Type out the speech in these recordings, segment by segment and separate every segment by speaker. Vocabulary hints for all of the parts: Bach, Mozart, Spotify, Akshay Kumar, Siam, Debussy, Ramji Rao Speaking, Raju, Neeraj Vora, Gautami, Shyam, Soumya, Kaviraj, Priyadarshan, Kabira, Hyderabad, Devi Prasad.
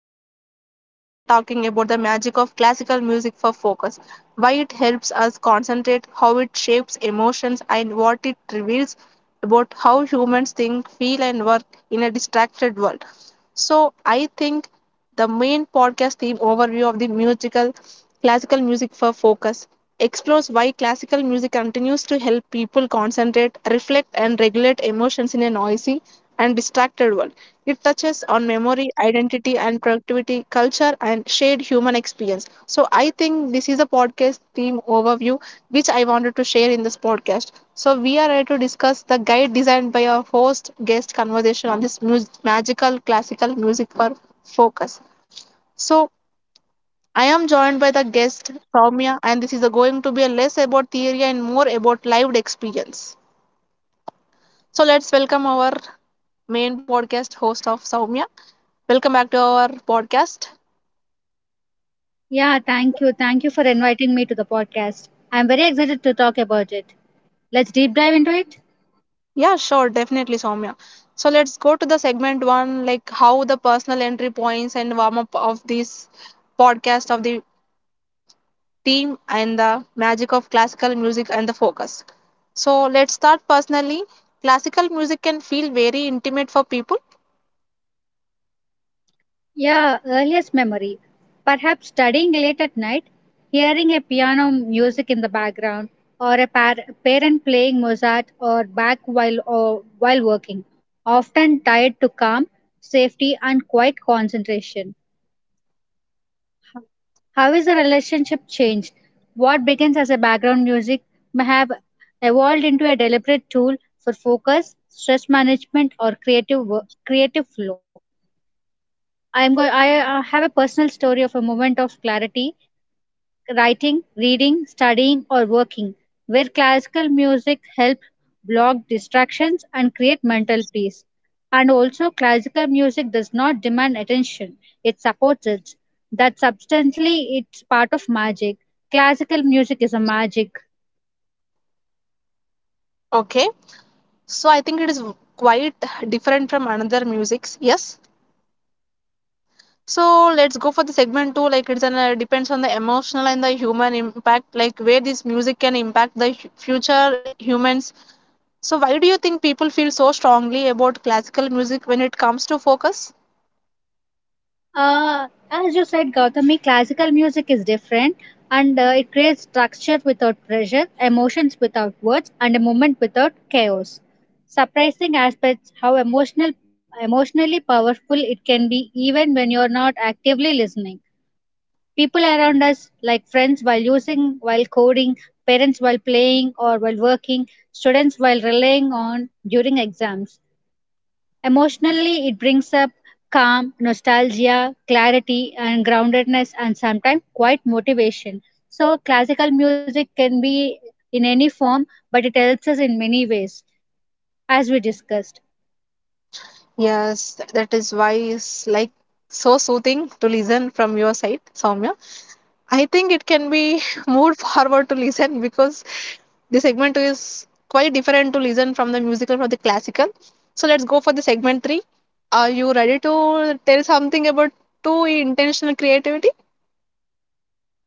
Speaker 1: powerful way. We are talking about the magic of classical music for focus, why it helps us concentrate, how it shapes emotions, and what it reveals about how humans think, feel, and work in a distracted world. So I think the main podcast theme overview of the musical classical music for focus explores why classical music continues to help people concentrate, reflect, and regulate emotions in a noisy and distracted world. It touches on memory, identity, and productivity, culture, and shared human experience. So, I think this is a podcast theme overview which I wanted to share in this podcast. So, we are here to discuss the guide designed by our host guest conversation on this magical classical music for focus. So, I am joined by the guest Soumya, and this is a going to be a less about theory and more about lived experience. So, let's welcome our main podcast host of Soumya. Welcome back to our podcast.
Speaker 2: Yeah, thank you. Thank you for inviting me to the podcast. I'm very excited to talk about it. Let's deep dive into it.
Speaker 1: Yeah, sure, definitely, Soumya. So, let's go to the segment one, like how the personal entry points and warm up of this podcast of the theme and the magic of classical music and the focus. So, let's start personally. Classical music can feel very intimate for people.
Speaker 2: Yeah, earliest memory. Perhaps studying late at night, hearing a piano music in the background, or a parent playing Mozart or Bach while, or while working, often tied to calm, safety, and quiet concentration. How is the relationship changed? What begins as a background music may have evolved into a deliberate tool for focus, stress management, or creative flow. I'm going. I have a personal story of a moment of clarity writing, reading, studying, or working, where classical music helps block distractions and create mental peace. And also, classical music does not demand attention, it supports it. That substantially, it's part of magic. Classical music is a magic.
Speaker 1: Okay, so I think it is quite different from another musics. Yes. So let's go for the segment two. Like it's an depends on the emotional and the human impact. Like where this music can impact the future humans. So why do you think people feel so strongly about classical music when it comes to focus?
Speaker 2: As you said, Gautami, classical music is different and it creates structure without pressure, emotions without words, and a moment without chaos. Surprising aspects how emotionally powerful it can be even when you're not actively listening. People around us, like friends while using, while coding, parents while playing or while working, students while relying on during exams. Emotionally, it brings up calm, nostalgia, clarity, and groundedness, and sometimes quite motivation. So, classical music can be in any form, but it helps us in many ways, as we discussed.
Speaker 1: Yes, that is why it's like so soothing to listen from your side, Soumya. I think it can be moved forward to listen because the segment two is quite different to listen from the musical from the classical. So let's go for the segment three. Are you ready to tell something about two intentional creativity?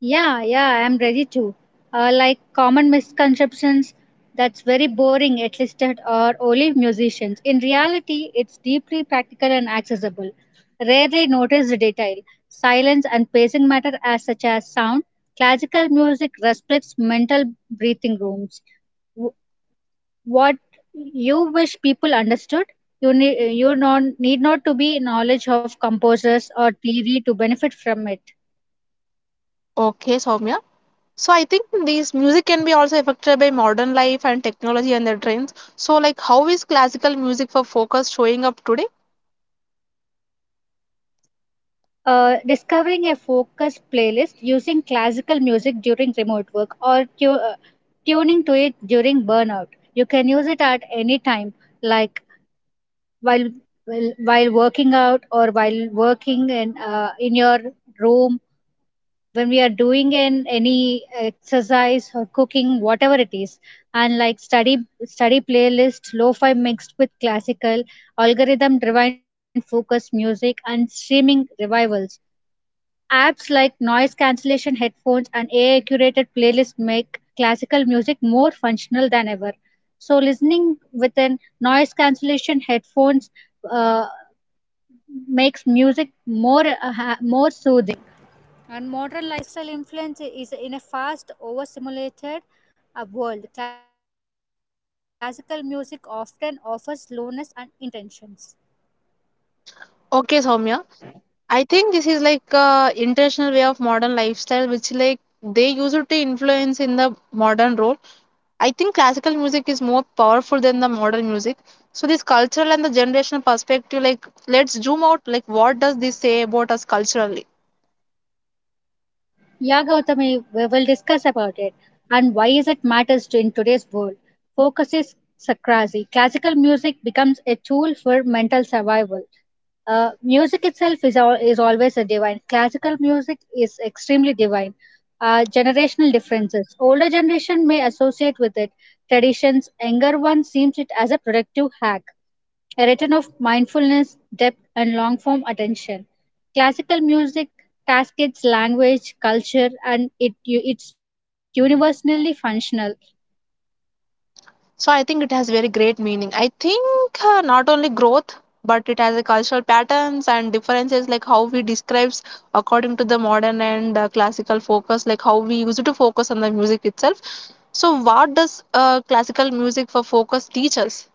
Speaker 2: Yeah, yeah, I'm ready to. Like common misconceptions, that's very boring, at least that are only musicians. In reality, it's deeply practical and accessible. Rarely notice the detail. Silence and pacing matter as such as sound. Classical music respects mental breathing rooms. W- What you wish people understood, you need you non, need not to be knowledge of composers or theory to benefit from it.
Speaker 1: Okay, Soumya. So I think these music can be also affected by modern life and technology and their trends. So like how is classical music for focus showing up today?
Speaker 2: Discovering a focused playlist using classical music during remote work or tuning to it during burnout. You can use it at any time, like while while working out or while working in your room when we are doing an any exercise or cooking whatever it is, and like study playlist lo-fi mixed with classical, algorithm driven focus music, and streaming revivals. Apps like noise cancellation headphones and AI curated playlists make classical music more functional than ever. So, listening with an noise cancellation headphones uh, makes music more
Speaker 1: Okay, Soumya. I think this is like a international way of modern lifestyle, which like they use it to influence in the modern role. I think classical music is more powerful than the modern music. So this cultural and the generational perspective, like let's zoom out, like what does this say about us culturally?
Speaker 3: Yeah, Gautami, we will discuss about it and why is it matters to in today's world. Focus is sakrasi. Classical music becomes a tool for mental survival. Music itself is is always a divine. Classical music is extremely divine. Generational differences. Older generation may associate with it traditions. Younger one seems it as a productive hack, a return of mindfulness, depth, and long form attention. Classical music cascades language, culture, and it's universally functional.
Speaker 1: So I think it has very great meaning. I think not only growth, but it has a cultural patterns and differences, like how we describes according to the modern and classical focus, like how we use it to focus on the music itself. So, what does classical music for focus teach us?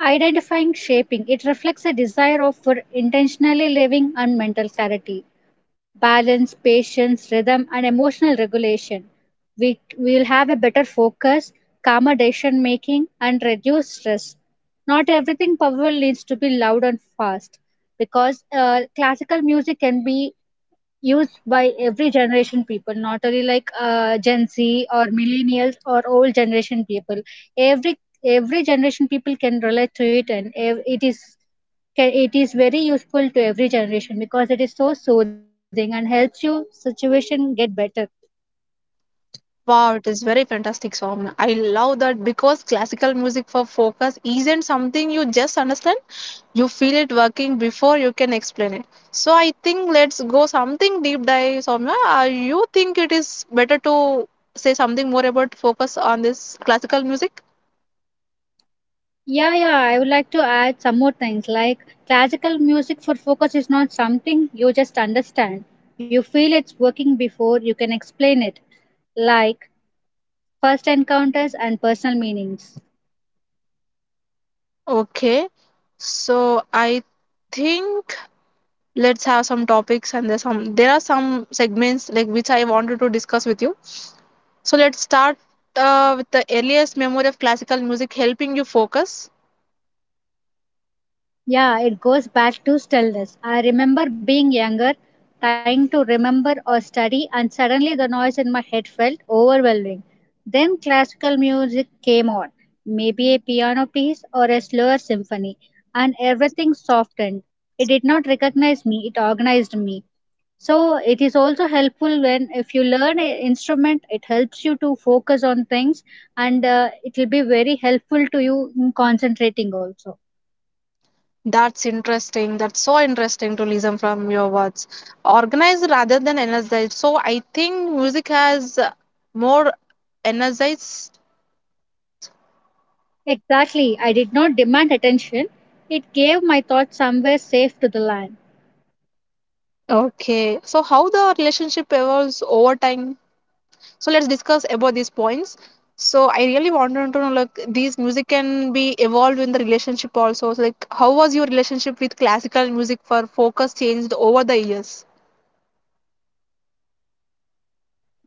Speaker 3: Identifying shaping, it reflects a desire of for intentionally living and mental clarity, balance, patience, rhythm, and emotional regulation. We will have a better focus, calmer decision making, and reduce stress. Not everything powerful needs to be loud and fast, because classical music can be used by every generation people, not only like gen z or millennials or old generation people. every every generation people can relate to it and it is, can, it is very useful to every generation because it is so soothing and helps you situation get better.
Speaker 1: Wow, it is very fantastic song. I love that because classical music for focus isn't something you just understand. You feel it working before you can explain it. So I think let's go something deep dive, Soumya. You think it is better to say something more about focus on this classical music?
Speaker 3: Yeah, I would like to add some more things like classical music for focus is not something you just understand. You feel it's working before you can explain it. Like, first encounters and personal meanings.
Speaker 1: Okay. So I think let's have some topics and there are some segments like which I wanted to discuss with you. So let's start with the earliest memory of classical music helping you focus.
Speaker 3: Yeah, it goes back to stillness. I remember being younger, trying to remember or study, and suddenly the noise in my head felt overwhelming. Then classical music came on, maybe a piano piece or a slower symphony, and everything softened. It did not recognize me, it organized me. So it is also helpful when if you learn an instrument, it helps you to focus on things, and it will be very helpful to you in concentrating also.
Speaker 1: That's interesting. That's so interesting to listen from your words. Organized rather than energized. So I think music has more energized.
Speaker 3: Exactly. I did not demand attention. It gave my thoughts somewhere safe to the land.
Speaker 1: Okay. So how the relationship evolves over time. So let's discuss about these points. So I really wanted to know like these music can be evolved in the relationship also. So like how was your relationship with classical music for focus changed over the years?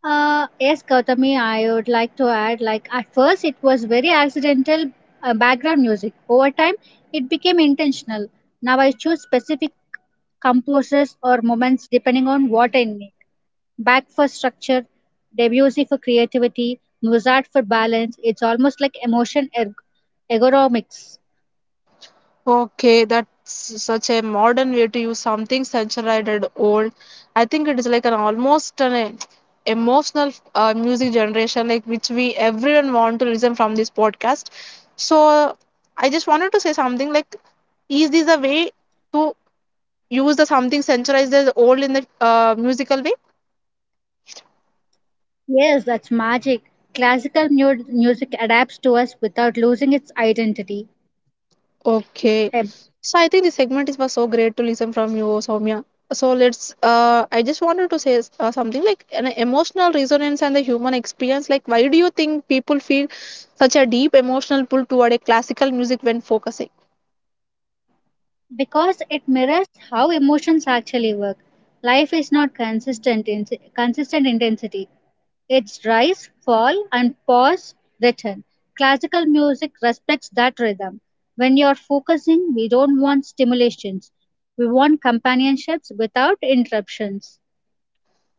Speaker 3: Yes, Gautami, I would like to add, like, at first it was very accidental background music. Over time, it became intentional. Now I choose specific composers or moments depending on what I need. Bach for structure, Debussy for creativity, Mozart for balance. It's almost like emotion ergonomics.
Speaker 1: Okay, that's such a modern way to use something centralized and old. I think it is like an almost an emotional music generation, like which we everyone want to listen from this podcast. So I just wanted to say something like, is this a way to use the something centralized as old in the musical way?
Speaker 3: Yes, that's magic. Classical music adapts to us without losing its identity.
Speaker 1: Okay.
Speaker 3: eh,
Speaker 1: So I think the segment is was so great to listen from you, Soumya. So let's. I just wanted to say something like an emotional resonance and the human experience. Like, why do you think people feel such a deep emotional pull toward a classical music when focusing?
Speaker 3: because it mirrors how emotions actually work. Life is not consistent in consistent intensity. It's rise, fall, and pause, return. Classical music respects that rhythm. When you're focusing, we don't want stimulations. We want companionships without interruptions.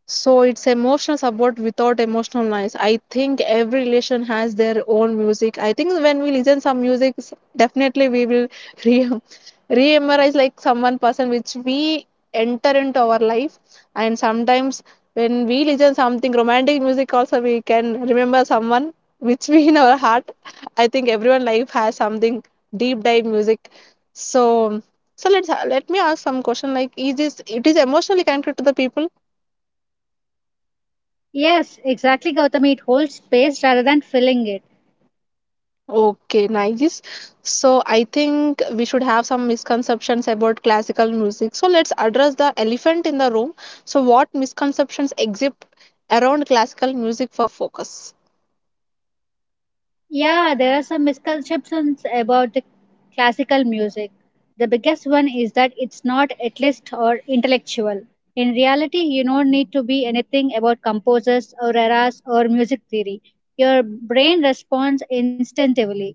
Speaker 1: So it's emotional support without emotional noise. I think every relation has their own music. I think when we listen some music, definitely we will re re-memorize like someone person which we enter into our life. And sometimes when we listen something romantic music also we can remember someone which we in our heart. I think everyone life has something deep dive music. So so let's let me ask some question like is this it is emotionally connected to the people.
Speaker 3: Yes, exactly, Gautami. It holds space rather than filling it.
Speaker 1: Okay, nice. So I think we should have some misconceptions about classical music. So let's address the elephant in the room. So what misconceptions exist around classical music for focus?
Speaker 3: Yeah, there are some misconceptions about the classical music. The biggest one is that it's not elitist or intellectual. In reality, you don't need to be anything about composers or eras or music theory. Your brain responds instinctively.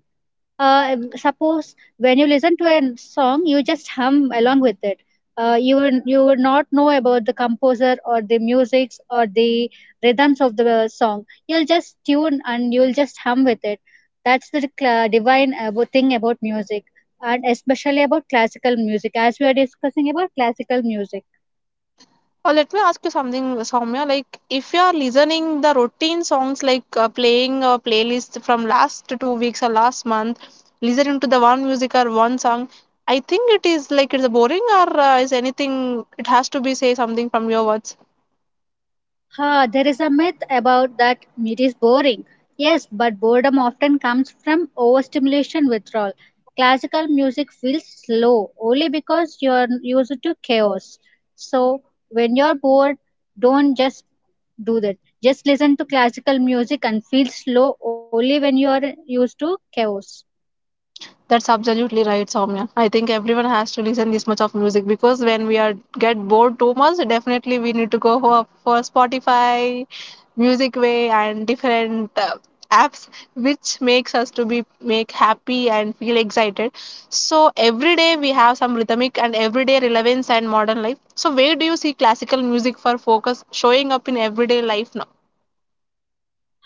Speaker 3: Suppose when you listen to a song, you just hum along with it. You will not know about the composer or the musics or the rhythms of the song. You'll just tune and you'll just hum with it. That's the cla divine about thing about music, and especially about classical music, as we are discussing about classical music.
Speaker 1: Let me ask you something, Soumya. Like if you are listening the routine songs, like playing a playlist from last 2 weeks or last month, listening to the one music or one song, I think it is like it's boring or is anything. It has to be say something from your words.
Speaker 3: Huh, there is a myth about that meat is boring. Yes, but boredom often comes from overstimulation withdrawal. Classical music feels slow only because you're used to chaos. So when you're bored, don't just do that. Just listen to classical music and feel slow only when you're used to chaos.
Speaker 1: That's absolutely right, Soumya. I think everyone has to listen this much of music because when we are get bored too much, definitely we need to go for Spotify, Music Way, and different apps which makes us to be make happy and feel excited. So every day we have some rhythmic and everyday relevance and modern life. So where do you see classical music for focus showing up in everyday life now?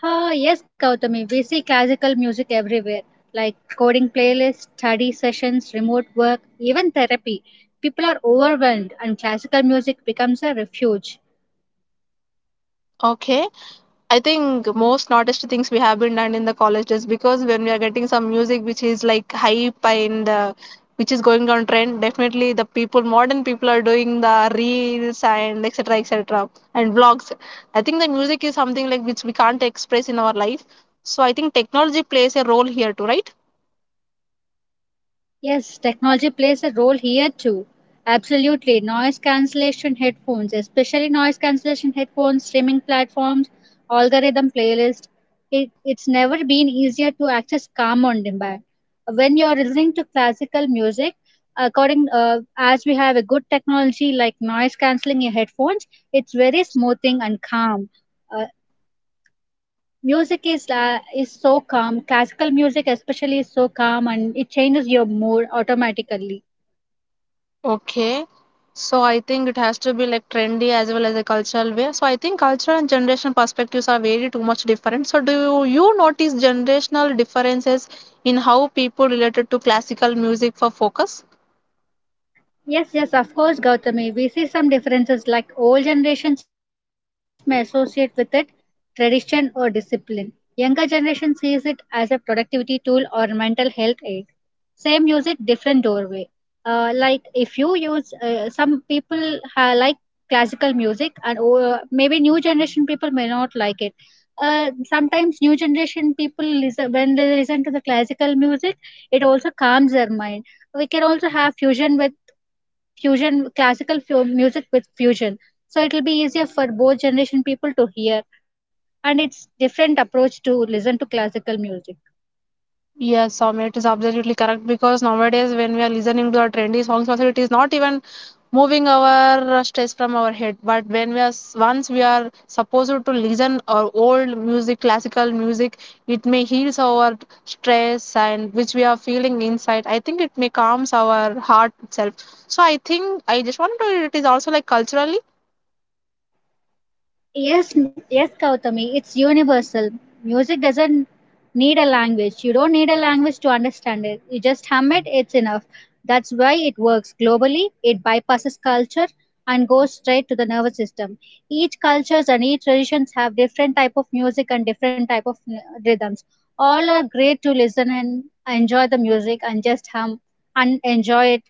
Speaker 3: Oh, yes, Gautami. We see classical music everywhere, like coding playlists, study sessions, remote work, even therapy. People are overwhelmed, and classical music becomes a refuge.
Speaker 1: Okay. I think most noticed things we have been done in the college is because when we are getting some music which is like hype and which is going on trend, definitely the people, modern people are doing the reels and etc. etc. and vlogs. I think the music is something like which we can't express in our life. So I think technology plays a role here too, right?
Speaker 3: Yes, technology plays a role here too. Absolutely. Noise cancellation headphones, especially noise cancellation headphones, streaming platforms, algorithm playlist. It's never been easier to access calm on demand. When you're listening to classical music, according as we have a good technology like noise cancelling headphones, it's very smoothing and calm. Uh, Music is la is so calm. Classical music especially is so calm, and it changes your mood automatically.
Speaker 1: Okay. So I think it has to be like trendy as well as a cultural way. So I think cultural and generation perspectives are very too much different. So do you notice generational differences in how people related to classical music for focus?
Speaker 3: Yes, yes, of course, Gautami. We see some differences like old generations may associate with it tradition or discipline. Younger generation sees it as a productivity tool or mental health aid. Same use it, different doorway. Like if you use, some people like classical music, and oh, maybe new generation people may not like it. Sometimes new generation people listen, when they listen to the classical music, it also calms their mind. We can also have fusion with fusion classical music with fusion, so it will be easier for both generation people to hear, and it's different approach to listen to classical music.
Speaker 1: Yes, Soumya, it is absolutely correct because nowadays when we are listening to our trendy songs, also it is not even moving our stress from our head. But when we are once we are supposed to listen our old music, classical music, it may heals our stress and which we are feeling inside. I think it may calms our heart itself. So I think I just wanted to. It is also like culturally.
Speaker 3: Yes, yes, Kautami, it's universal. Music doesn't need a language. You don't need a language to understand it. You just hum it, it's enough. That's why it works globally. It bypasses culture and goes straight to the nervous system. Each cultures and each traditions have different type of music and different type of rhythms. All are great to listen and enjoy the music, and just hum and enjoy it.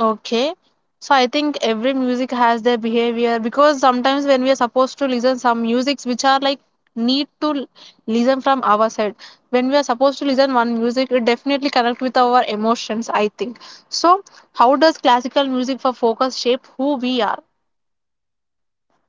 Speaker 1: Okay. So I think every music has their behavior because sometimes when we are supposed to listen some musics which are like need to l- listen from our side. When we are supposed to listen one music, it definitely connect with our emotions, I think. So how does classical music for focus shape who we are?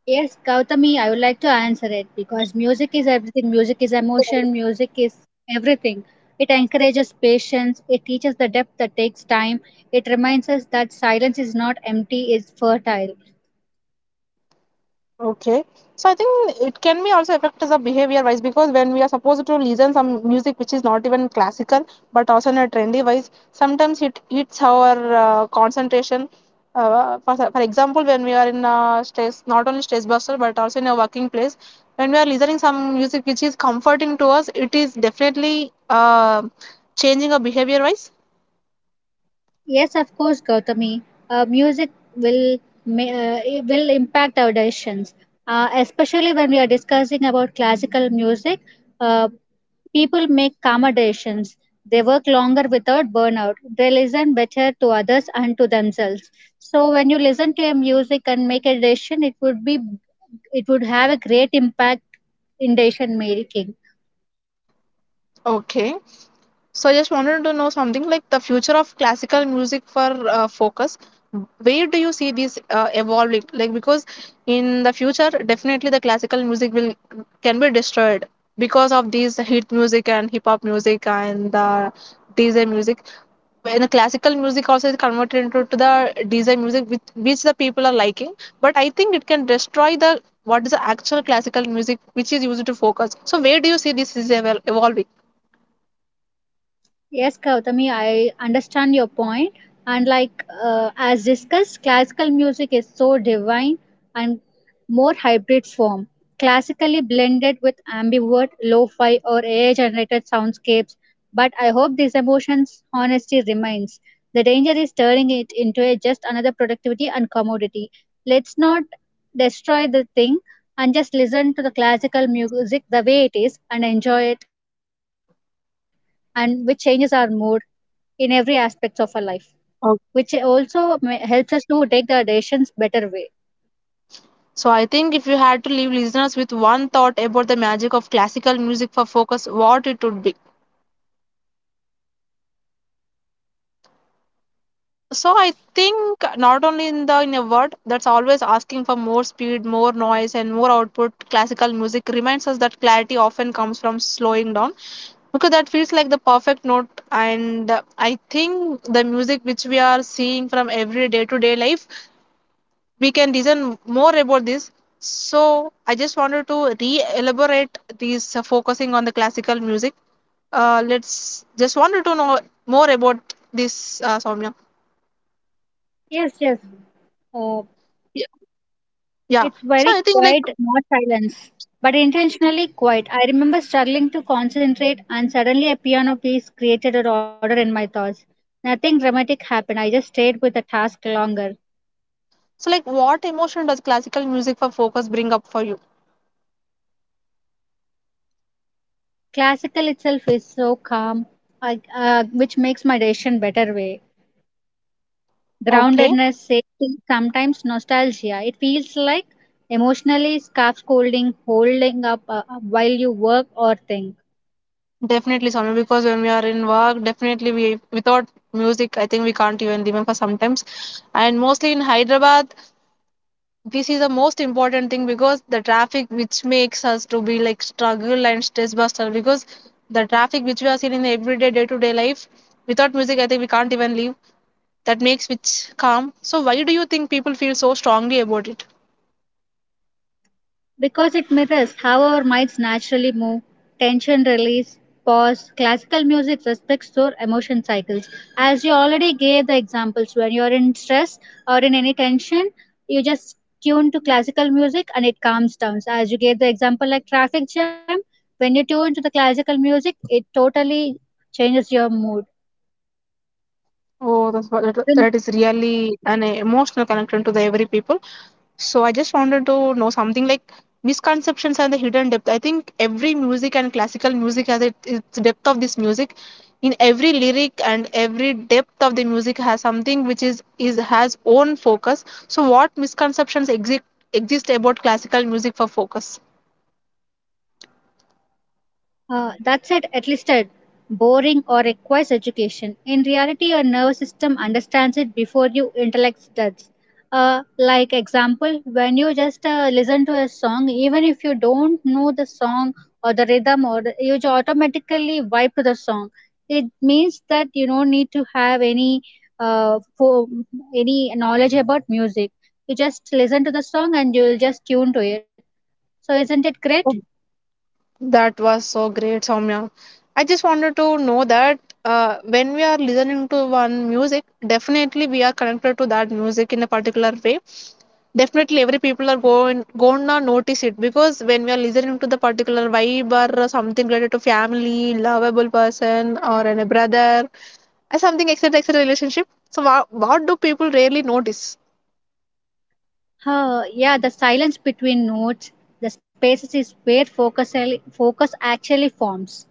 Speaker 3: Yes, Gautami, I would like to answer it because music is everything. Music is emotion, music is everything. It encourages patience, it teaches the depth that takes time, it reminds us that silence is not empty, it's fertile.
Speaker 1: Okay, so I think it can be also affect us a behavior wise because when we are supposed to listen some music which is not even classical but also in a trendy wise, sometimes it eats our concentration. For example, when we are in a stress, not only stress buster but also in a working place, when we are listening some music which is comforting to us, it is definitely changing our behavior wise.
Speaker 3: Yes, of course, Gautami, music will, it will impact our decisions, especially when we are discussing about classical music. Uh, People make accommodations. They work longer without burnout. They listen better to others and to themselves. So when you listen to your music and make a decision, it would be it would have a great impact in decision making.
Speaker 1: Okay. So I just wanted to know something like the future of classical music for focus. Where do you see this evolving? Like because in the future, definitely the classical music will can be destroyed because of these hit music and hip hop music and the DJ music. And the classical music also is converted into to the DJ music which the people are liking. But I think it can destroy the what is the actual classical music which is used to focus. So where do you see this is evolving?
Speaker 3: Yes, Gautami, I understand your point. And like as discussed, classical music is so divine and more hybrid form, classically blended with ambivert, lo-fi or AI-generated soundscapes. But I hope this emotion's honesty remains. The danger is turning it into a just another productivity and commodity. Let's not destroy the thing and just listen to the classical music the way it is and enjoy it, and which changes our mood in every aspects of our life, which also helps us to take the decisions better way.
Speaker 1: So I think if you had to leave listeners with one thought about the magic of classical music for focus, what it would be. So I think not only in the in a word that's always asking for more speed, more noise, and more output. Classical music reminds us that clarity often comes from slowing down because that feels like the perfect note. And I think the music which we are seeing from every day to day life we can reason more about this. So I just wanted to re-elaborate these focusing on the classical music. Let's just wanted to know more about this, Soumya.
Speaker 3: Yes, yes. Uh,
Speaker 1: Yeah. Yeah.
Speaker 3: it's
Speaker 1: So
Speaker 3: very
Speaker 1: I think like
Speaker 3: quiet, not silence, but intentionally quiet. I remember struggling to concentrate, and suddenly a piano piece created an order in my thoughts. Nothing dramatic happened. I just stayed with the task longer.
Speaker 1: so like what emotion does classical music for focus bring up for you?
Speaker 3: Classical itself is so calm, which makes my decision better way.
Speaker 1: Okay,
Speaker 3: Groundedness, safety, sometimes nostalgia. It feels like emotionally scarf holding up while you work or think.
Speaker 1: definitely Soumya. Because when we are in work, definitely we without music, I think we can't even remember sometimes. And mostly in Hyderabad this is the most important thing because the traffic which makes us to be like struggle and stress buster because the traffic which we are seeing in the everyday day-to-day life without music, I think we can't even live. That makes which calm. So why do you think people feel so strongly about it?
Speaker 3: Because it mirrors how our minds naturally move, tension release, pause. Classical music respects your emotion cycles. As you already gave the examples, when you're in stress or in any tension, you just tune to classical music and it calms down. So as you gave the example like traffic jam, when you tune to the classical music, it totally changes your mood.
Speaker 1: Oh, that's what that is really an emotional connection to the every people. So I just wanted to know something like misconceptions and the hidden depth. I think every music and classical music has it, its depth of this music. In every lyric and every depth of the music has something which is has own focus. So what misconceptions exist exist about classical music for focus?
Speaker 3: That's it, at least it. Boring or requires education. In reality, your nervous system understands it before you intellect does. Like example, when you just listen to a song, even if you don't know the song or the rhythm, or the, you automatically vibe to the song. It means that you don't need to have any for any knowledge about music. You just listen to the song and you'll just tune to it. So isn't it great?
Speaker 1: That was so great, Soumya. I just wanted to know that when we are listening to one music, definitely we are connected to that music in a particular way. Definitely, every people are going gonna notice it because when we are listening to the particular vibe or something related to family, lovable person, or an, a brother, or something etc. etc. relationship. So, what do people really notice?
Speaker 3: Huh, yeah, the silence between notes, the spaces is where focus actually forms.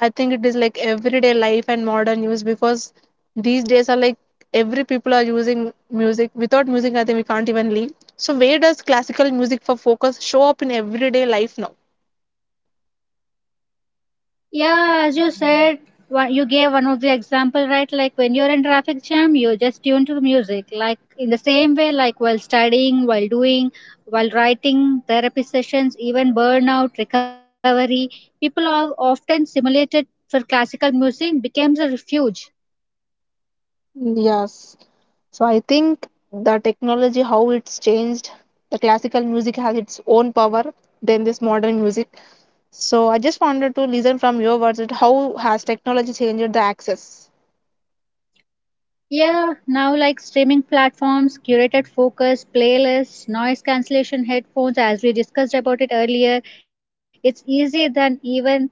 Speaker 1: I think it is like everyday life and modern use because these days are like every people are using music. Without music, I think we can't even live. So where does classical music for focus show up in everyday life now?
Speaker 3: Yeah, as you said, you gave one of the example, right? Like when you're in traffic jam, you just tune to the music. Like in the same way, like while studying, while doing, while writing, therapy sessions, even burnout recovery, people are often simulated for classical music becomes a refuge.
Speaker 1: Yes. So I think the technology, how it's changed, the classical music has its own power than this modern music. So I just wanted to listen from your words that how has technology changed the access?
Speaker 3: Yeah, now like streaming platforms, curated focus, playlists, noise cancellation headphones, as we discussed about it earlier, it's easier than even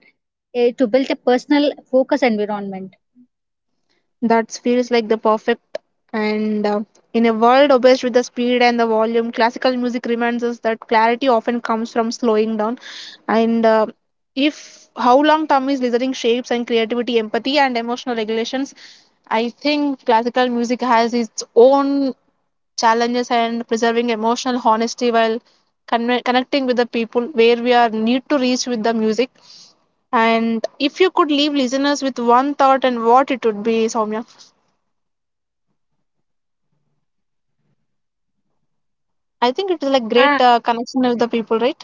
Speaker 3: to build a personal focus environment.
Speaker 1: That feels like the perfect, and in a world obsessed with the speed and the volume, classical music reminds us that clarity often comes from slowing down, and if how long tom is listening shapes and creativity, empathy, and emotional regulations. I think classical music has its own challenges and preserving emotional honesty while connecting with the people where we are need to reach with the music. And if you could leave listeners with one thought and what it would be, Soumya. I think it is like
Speaker 3: Ah,
Speaker 1: great connection with the people, right?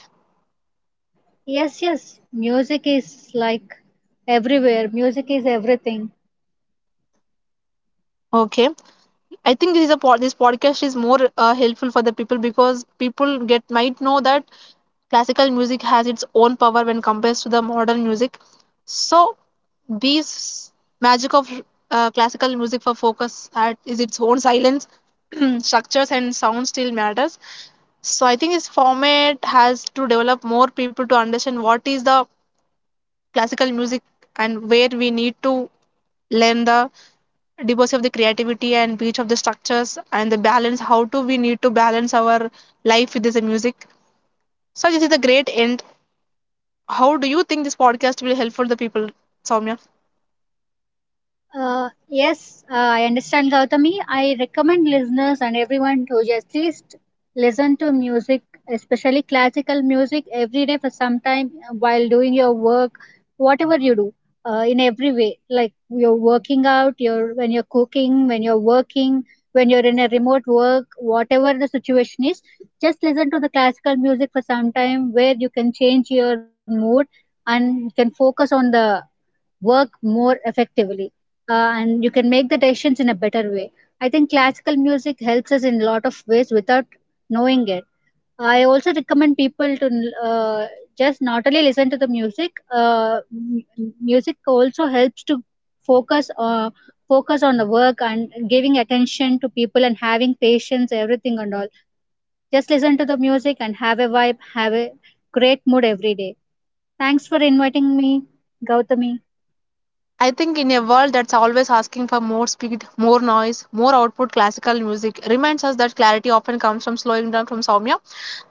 Speaker 3: yes, yes, music is like everywhere, music is everything.
Speaker 1: Okay, I think this is a pod, this podcast is more helpful for the people because people get might know that classical music has its own power when compared to the modern music. So these magic of classical music for focus at is its own silence, structures and sound still matters. So I think this format has to develop more people to understand what is the classical music and where we need to learn the divorce of the creativity and breach of the structures and the balance. How do we need to balance our life with this music? So this is the great end. How do you think this podcast will help for the people, Soumya?
Speaker 3: Yes, I understand, Gautami. I recommend listeners and everyone to just least listen to music, especially classical music, every day for some time while doing your work, whatever you do, in every way. Like you're working out, you're when you're cooking, when you're working, when you're in a remote work, whatever the situation is, just listen to the classical music for some time where you can change your mood and you can focus on the work more effectively, and you can make the decisions in a better way. I think classical music helps us in a lot of ways without knowing it. I also recommend people to just not only listen to the music. Music also helps to focus uh, focus on the work and giving attention to people and having patience, everything and all. Just listen to the music and have a vibe, have a great mood every day. Thanks for inviting me, Gautami.
Speaker 1: I think in a world that's always asking for more speed, more noise, more output, classical music reminds us that clarity often comes from slowing down from Soumya.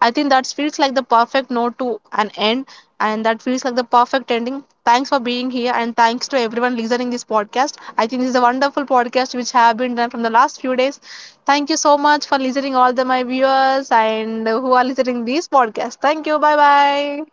Speaker 1: I think that feels like the perfect note to an end, and that feels like the perfect ending. Thanks for being here, and thanks to everyone listening this podcast. I think this is a wonderful podcast which have been done from the last few days. Thank you so much for listening, all the my viewers and who are listening this podcast. Thank you. Bye bye.